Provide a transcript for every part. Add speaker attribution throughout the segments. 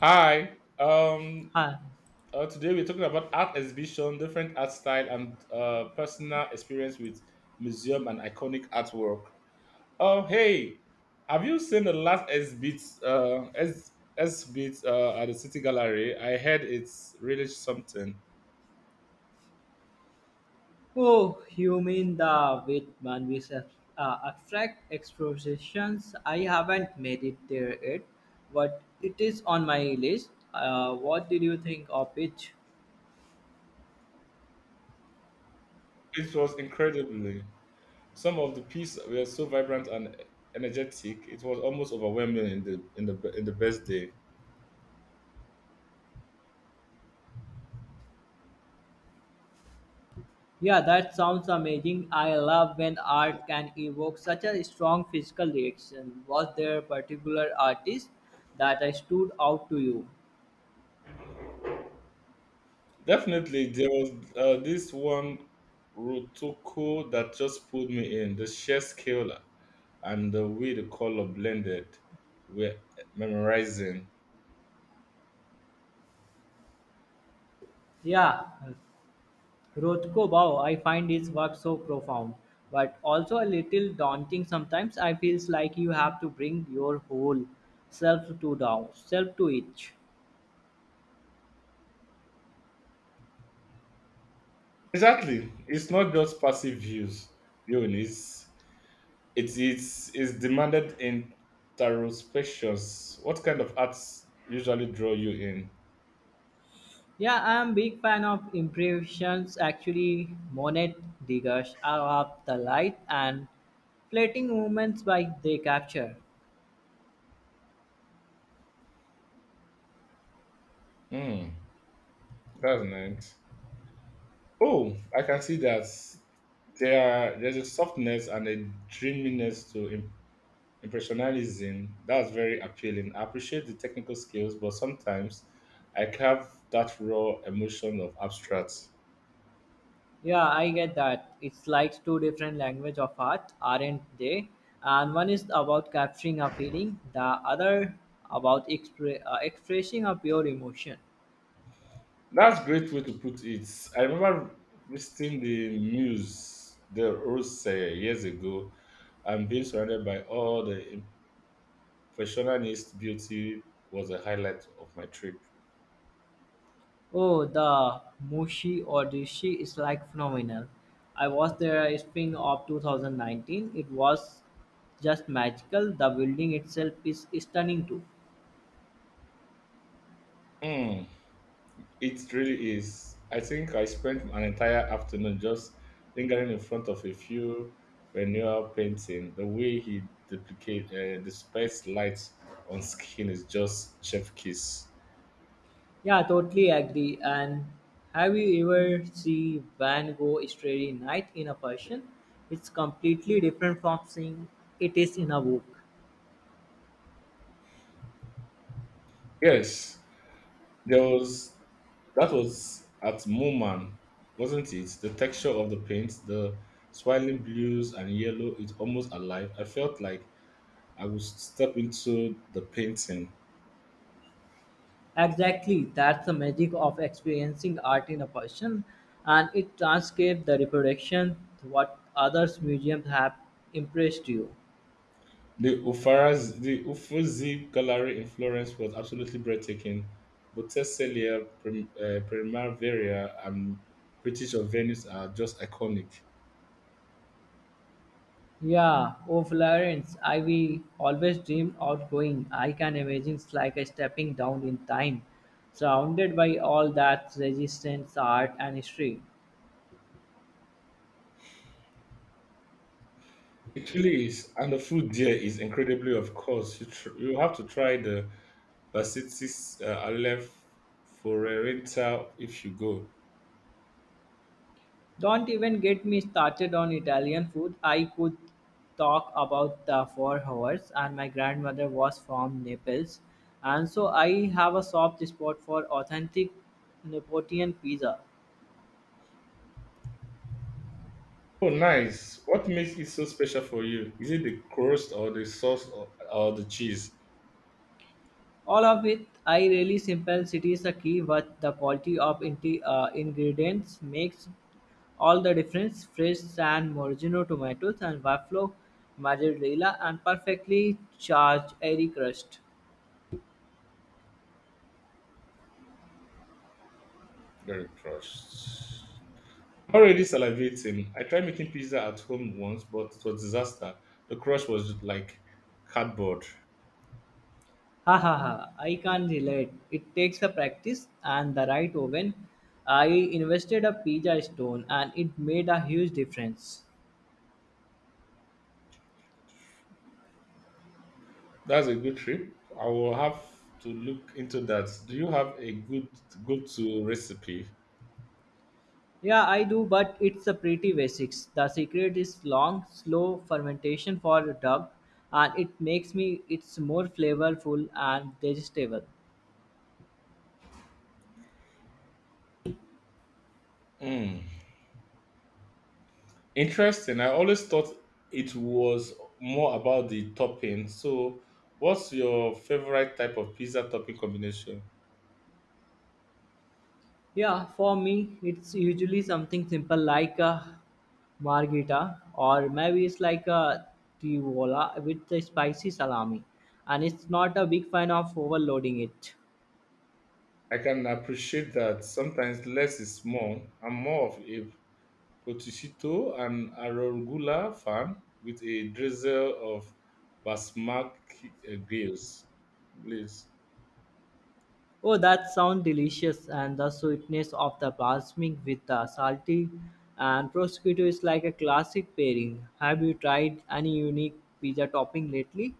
Speaker 1: Hi.
Speaker 2: Hi.
Speaker 1: Today we're talking about art exhibition, different art style, and personal experience with museum and iconic artwork. Oh, hey, have you seen the last exhibit? Exhibit at the City Gallery. I heard it's really something.
Speaker 2: Oh, you mean the Whitman with abstract expositions? I haven't made it there yet, but it is on my list. What did you think of it?
Speaker 1: It was incredibly. Some of the pieces were so vibrant and energetic. It was almost overwhelming in the best day.
Speaker 2: Yeah, that sounds amazing. I love when art can evoke such a strong physical reaction. Was there a particular artist that I stood out to you?
Speaker 1: Definitely, there was this one Rotoko that just pulled me in. The sheer scale and the way the color blended were memorizing.
Speaker 2: Yeah, Rothko Bau, I find his work so profound, but also a little daunting sometimes. I feels like you have to bring your whole self to down, self to it.
Speaker 1: Exactly, it's not just passive views. It's it's demanded introspections. What kind of arts usually draw you in?
Speaker 2: Yeah, I am big fan of impressions. Actually, Monet diggers are of the light and fleeting moments by they capture.
Speaker 1: Hmm, that's nice. Oh, I can see that there's a softness and a dreaminess to Impressionism, that's very appealing. I appreciate the technical skills, but sometimes I crave that raw emotion of abstract.
Speaker 2: Yeah, I get that. It's like two different language of art, aren't they? And one is about capturing a feeling, the other about expressing a pure emotion.
Speaker 1: That's a great way to put it. I remember visiting the Muse, the Rose eh, years ago, and being surrounded by all the impressionist beauty was a highlight of my trip.
Speaker 2: Oh, the Mushi or Dishi is like phenomenal. I was there in spring of 2019. It was just magical. The building itself is stunning too.
Speaker 1: Hmm. It really is. I think I spent an entire afternoon just lingering in front of a few renewal painting. The way he duplicate displays light on skin is just chef kiss.
Speaker 2: Yeah, totally agree. And have you ever see Van Gogh Starry Night in a person? It's completely different from seeing it is in a book.
Speaker 1: Yes, there was that was at Mooman, wasn't it? The texture of the paint, the swirling blues and yellow, it's almost alive. I felt like I would step into the painting.
Speaker 2: Exactly, that's the magic of experiencing art in a person, and it transcribes the reproduction to what others museums have impressed you.
Speaker 1: The Ufarazi, the Uffizi Gallery in Florence was absolutely breathtaking. Botticellia, Primavera, and British of Venice are just iconic.
Speaker 2: Yeah, oh Florence, I we always dreamed of going. I can imagine it's like a stepping down in time, surrounded by all that resistance, art, and history.
Speaker 1: It really is, and the food there is incredibly. Of course, you have to try the Basitis Aleph Forerenta if you go.
Speaker 2: Don't even get me started on Italian food. I could talk about the 4 hours, and my grandmother was from Naples, and so I have a soft spot for authentic Neapolitan pizza.
Speaker 1: Oh, nice! What makes it so special for you? Is it the crust or the sauce or the cheese?
Speaker 2: All of it, I really simplicity is the key, but the quality of ingredients makes all the difference. Fresh San Morgino tomatoes and buffalo mozzarella and perfectly charged airy crust.
Speaker 1: Very crust. I'm already salivating. I tried making pizza at home once, but it was disaster. The crust was like cardboard.
Speaker 2: Ha ha ha! I can relate. It takes a practice and the right oven. I invested a pizza stone and it made a huge difference.
Speaker 1: That's a good trip. I will have to look into that. Do you have a good go-to recipe?
Speaker 2: Yeah, I do, but it's a pretty basics. The secret is long, slow fermentation for duck, and it makes me it's more flavorful and digestible.
Speaker 1: Mm. Interesting. I always thought it was more about the topping. So, what's your favorite type of pizza topping combination?
Speaker 2: Yeah, for me, it's usually something simple like a margherita, or maybe it's like a tivola with the spicy salami, and it's not a big fan of overloading it.
Speaker 1: I can appreciate that sometimes less is more. I'm more of a Potisito, an Arugula farm with a drizzle of basmati glaze. glaze.
Speaker 2: Oh, that sounds delicious, and the sweetness of the balsamic with the salty and prosciutto is like a classic pairing. Have you tried any unique pizza topping lately?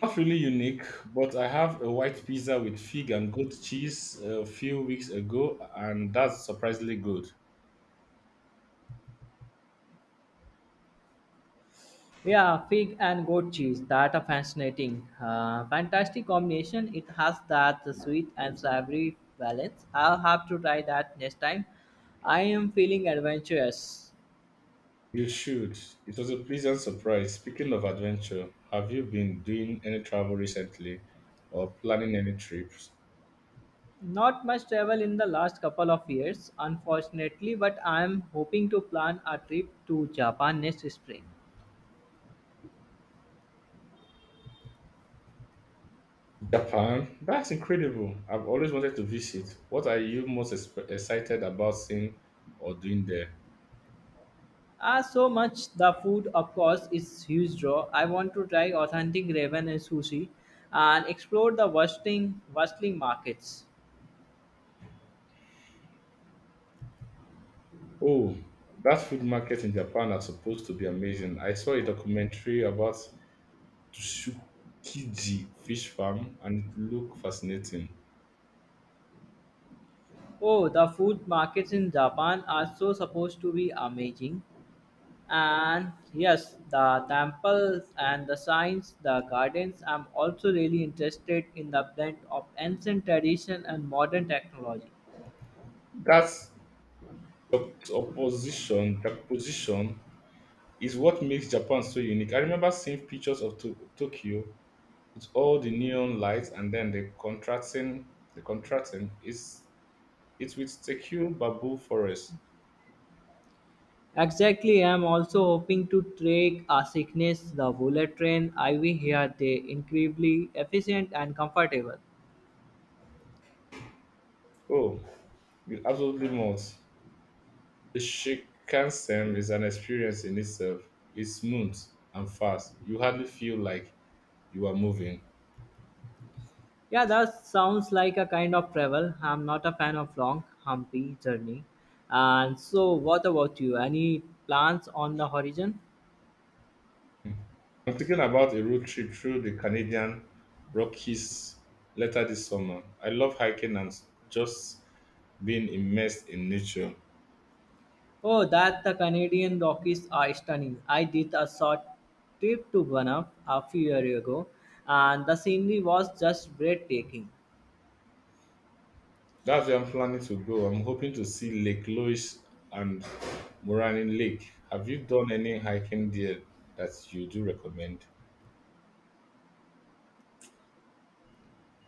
Speaker 1: Not really unique, but I have a white pizza with fig and goat cheese a few weeks ago, and that's surprisingly good.
Speaker 2: Yeah, fig and goat cheese. That are fascinating, fantastic combination. It has that sweet and savory balance. I'll have to try that next time. I am feeling adventurous.
Speaker 1: You should. It was a pleasant surprise. Speaking of adventure, have you been doing any travel recently or planning any trips?
Speaker 2: Not much travel in the last couple of years, unfortunately, but I am hoping to plan a trip to Japan next spring.
Speaker 1: Japan? That's incredible. I've always wanted to visit. What are you excited about seeing or doing there?
Speaker 2: Ah, so much the food, of course, is huge draw. I want to try authentic ramen and sushi, and explore the bustling markets.
Speaker 1: Oh, that food market in Japan are supposed to be amazing. I saw a documentary about Tsukiji fish farm and it looked fascinating.
Speaker 2: Oh, the food markets in Japan are so supposed to be amazing. And yes, the temples and the shrines, the gardens. I'm also really interested in the blend of ancient tradition and modern technology.
Speaker 1: That that position is what makes Japan so unique. I remember seeing pictures of Tokyo with all the neon lights and then the contrasting is it will secure bamboo forests.
Speaker 2: Exactly, I'm also hoping to take a sickness the bullet train IV here they incredibly efficient and comfortable.
Speaker 1: Oh, you absolutely must. The Shinkansen is an experience in itself. It's smooth and fast. You hardly feel like you are moving.
Speaker 2: Yeah, that sounds like a kind of travel. I'm not a fan of long humpy journey. And so what about you? Any plans on the horizon?
Speaker 1: I'm thinking about a road trip through the Canadian Rockies later this summer. I love hiking and just being immersed in nature.
Speaker 2: Oh, that the Canadian Rockies are stunning. I did a short trip to Banff a few years ago, and the scenery was just breathtaking.
Speaker 1: That's where I'm planning to go. I'm hoping to see Lake Louise and Moranin Lake. Have you done any hiking there that you do recommend?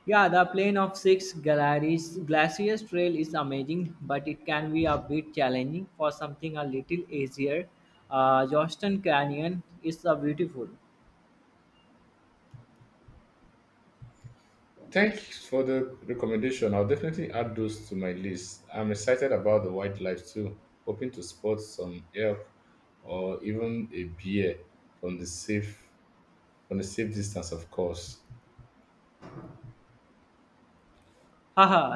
Speaker 2: Yeah, the Plain of Six Galleries Glaciers Trail is amazing, but it can be a bit challenging. For something a little easier, Johnston Canyon is a beautiful.
Speaker 1: Thanks for the recommendation. I'll definitely add those to my list. I'm excited about the wildlife too, hoping to spot some elk or even a bear from the safe from the safe distance, of course.
Speaker 2: Haha,